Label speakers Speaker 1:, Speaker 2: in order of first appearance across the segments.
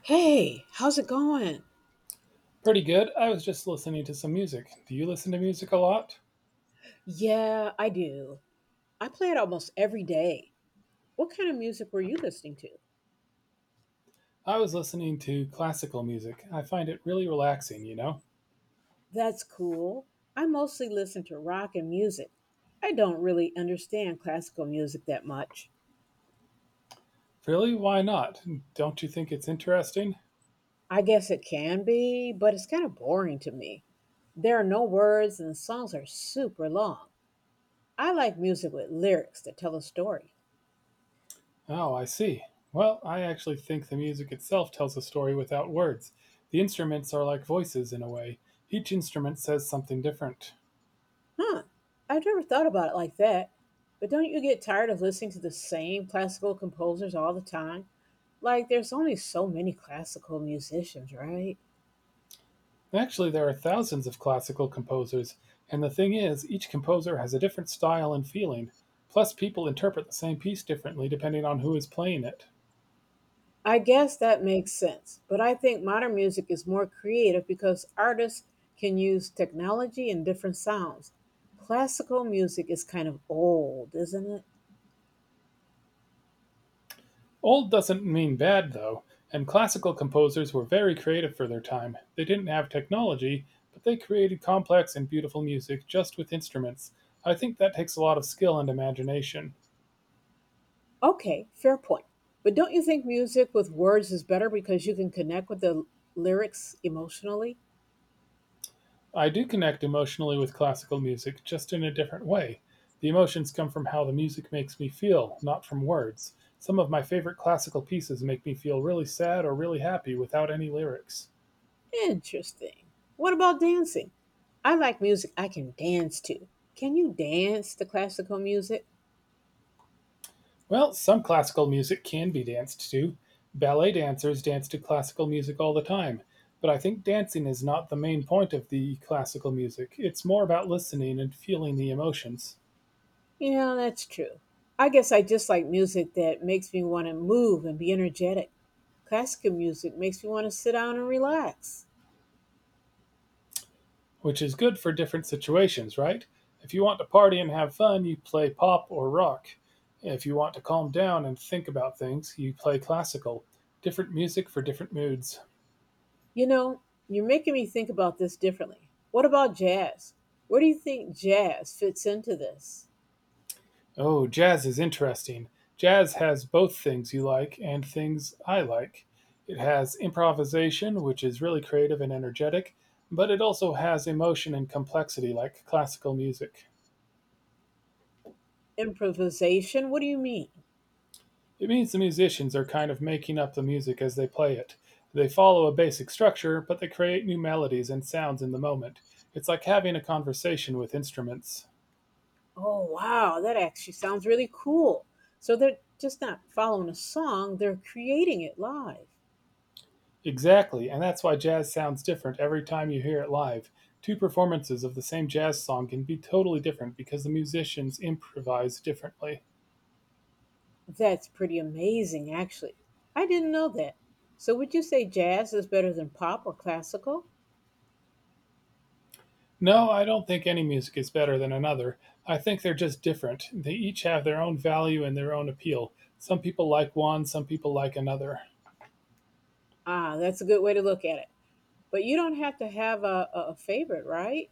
Speaker 1: Hey, how's it going?
Speaker 2: Pretty good. I was just listening to some music. Do you listen to music a lot?
Speaker 1: Yeah, I do. I play it almost every day. What kind of music were you listening to?
Speaker 2: I was listening to classical music. I find it really relaxing, you know.
Speaker 1: That's cool. I mostly listen to rock and music. I don't really understand classical music that much.
Speaker 2: Really? Why not? Don't you think it's interesting?
Speaker 1: I guess it can be, but it's kind of boring to me. There are no words and the songs are super long. I like music with lyrics that tell a story.
Speaker 2: Oh, I see. Well, I actually think the music itself tells a story without words. The instruments are like voices in a way. Each instrument says something different.
Speaker 1: Huh, I've never thought about it like that. But don't you get tired of listening to the same classical composers all the time? Like, there's only so many classical musicians, right?
Speaker 2: Actually, there are thousands of classical composers, and the thing is, each composer has a different style and feeling. Plus, people interpret the same piece differently depending on who is playing it.
Speaker 1: I guess that makes sense, but I think modern music is more creative because artists can use technology and different sounds. Classical music is kind of old, isn't it?
Speaker 2: Old doesn't mean bad, though, and classical composers were very creative for their time. They didn't have technology, but they created complex and beautiful music just with instruments. I think that takes a lot of skill and imagination.
Speaker 1: Okay, fair point. But don't you think music with words is better because you can connect with the lyrics emotionally?
Speaker 2: I do connect emotionally with classical music, just in a different way. The emotions come from how the music makes me feel, not from words. Some of my favorite classical pieces make me feel really sad or really happy without any lyrics.
Speaker 1: Interesting. What about dancing? I like music I can dance to. Can you dance to classical music?
Speaker 2: Well, some classical music can be danced to. Ballet dancers dance to classical music all the time. But I think dancing is not the main point of the classical music. It's more about listening and feeling the emotions,
Speaker 1: Yeah, that's true. I guess I just like music that makes me want to move and be energetic. Classical music makes me want to sit down and relax.
Speaker 2: which is good for different situations, right? If you want to party and have fun, you play pop or rock. If you want to calm down and think about things, you play classical. Different music for different moods.
Speaker 1: You know, you're making me think about this differently. What about jazz? Where do you think jazz fits into this?
Speaker 2: Oh, jazz is interesting. Jazz has both things you like and things I like. It has improvisation, which is really creative and energetic, but it also has emotion and complexity like classical music.
Speaker 1: Improvisation? What do you mean?
Speaker 2: It means the musicians are kind of making up the music as they play it. They follow a basic structure, but they create new melodies and sounds in the moment. It's like having a conversation with instruments.
Speaker 1: Oh, wow, that actually sounds really cool. So they're just not following a song, they're creating it live.
Speaker 2: Exactly, and that's why jazz sounds different every time you hear it live. Two performances of the same jazz song can be totally different because the musicians improvise differently.
Speaker 1: That's pretty amazing, actually. I didn't know that. So, would you say jazz is better than pop or classical?
Speaker 2: No, I don't think any music is better than another. I think they're just different. They each have their own value and their own appeal. Some people like one, some people like another.
Speaker 1: Ah, that's a good way to look at it. But you don't have to have a favorite, right?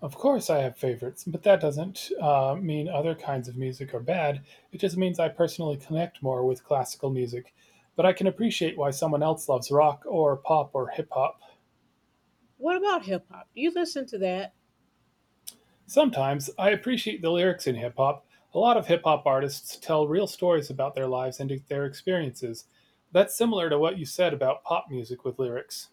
Speaker 2: Of course, I have favorites, but that doesn't mean other kinds of music are bad. It just means I personally connect more with classical music, but I can appreciate why someone else loves rock or pop or hip hop.
Speaker 1: What about hip hop? Do you listen to that?
Speaker 2: Sometimes I appreciate the lyrics in hip hop. A lot of hip hop artists tell real stories about their lives and their experiences. That's similar to what you said about pop music with lyrics.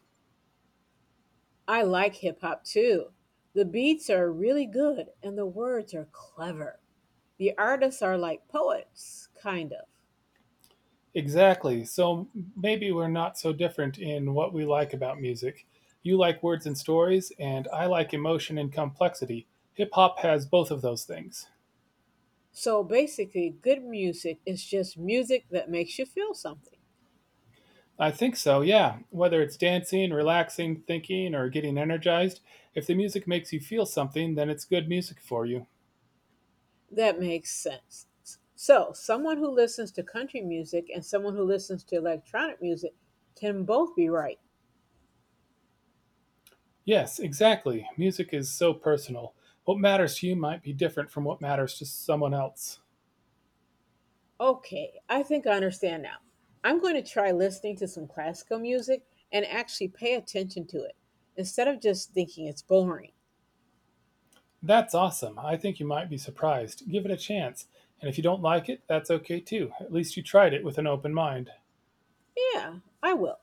Speaker 1: I like hip hop too. The beats are really good and the words are clever. The artists are like poets, kind of.
Speaker 2: Exactly. So maybe we're not so different in what we like about music. You like words and stories, and I like emotion and complexity. Hip hop has both of those things.
Speaker 1: So basically, good music is just music that makes you feel something.
Speaker 2: I think so, yeah. Whether it's dancing, relaxing, thinking, or getting energized, if the music makes you feel something, then it's good music for you.
Speaker 1: That makes sense. So, someone who listens to country music and someone who listens to electronic music can both be right.
Speaker 2: Yes, exactly. Music is so personal. What matters to you might be different from what matters to someone else.
Speaker 1: Okay, I think I understand now. I'm going to try listening to some classical music and actually pay attention to it instead of just thinking it's boring.
Speaker 2: That's awesome. I think you might be surprised. Give it a chance. And if you don't like it, that's okay too. At least you tried it with an open mind.
Speaker 1: Yeah, I will.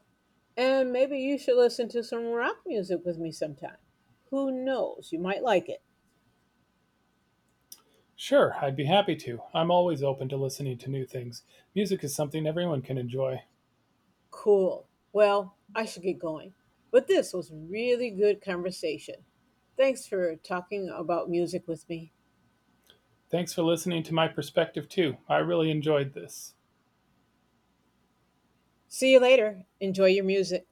Speaker 1: And maybe you should listen to some rock music with me sometime. Who knows? You might like it.
Speaker 2: Sure, I'd be happy to. I'm always open to listening to new things. Music is something everyone can enjoy.
Speaker 1: Cool. Well, I should get going. But this was really good conversation. Thanks for talking about music with me.
Speaker 2: Thanks for listening to my perspective too. I really enjoyed this.
Speaker 1: See you later. Enjoy your music.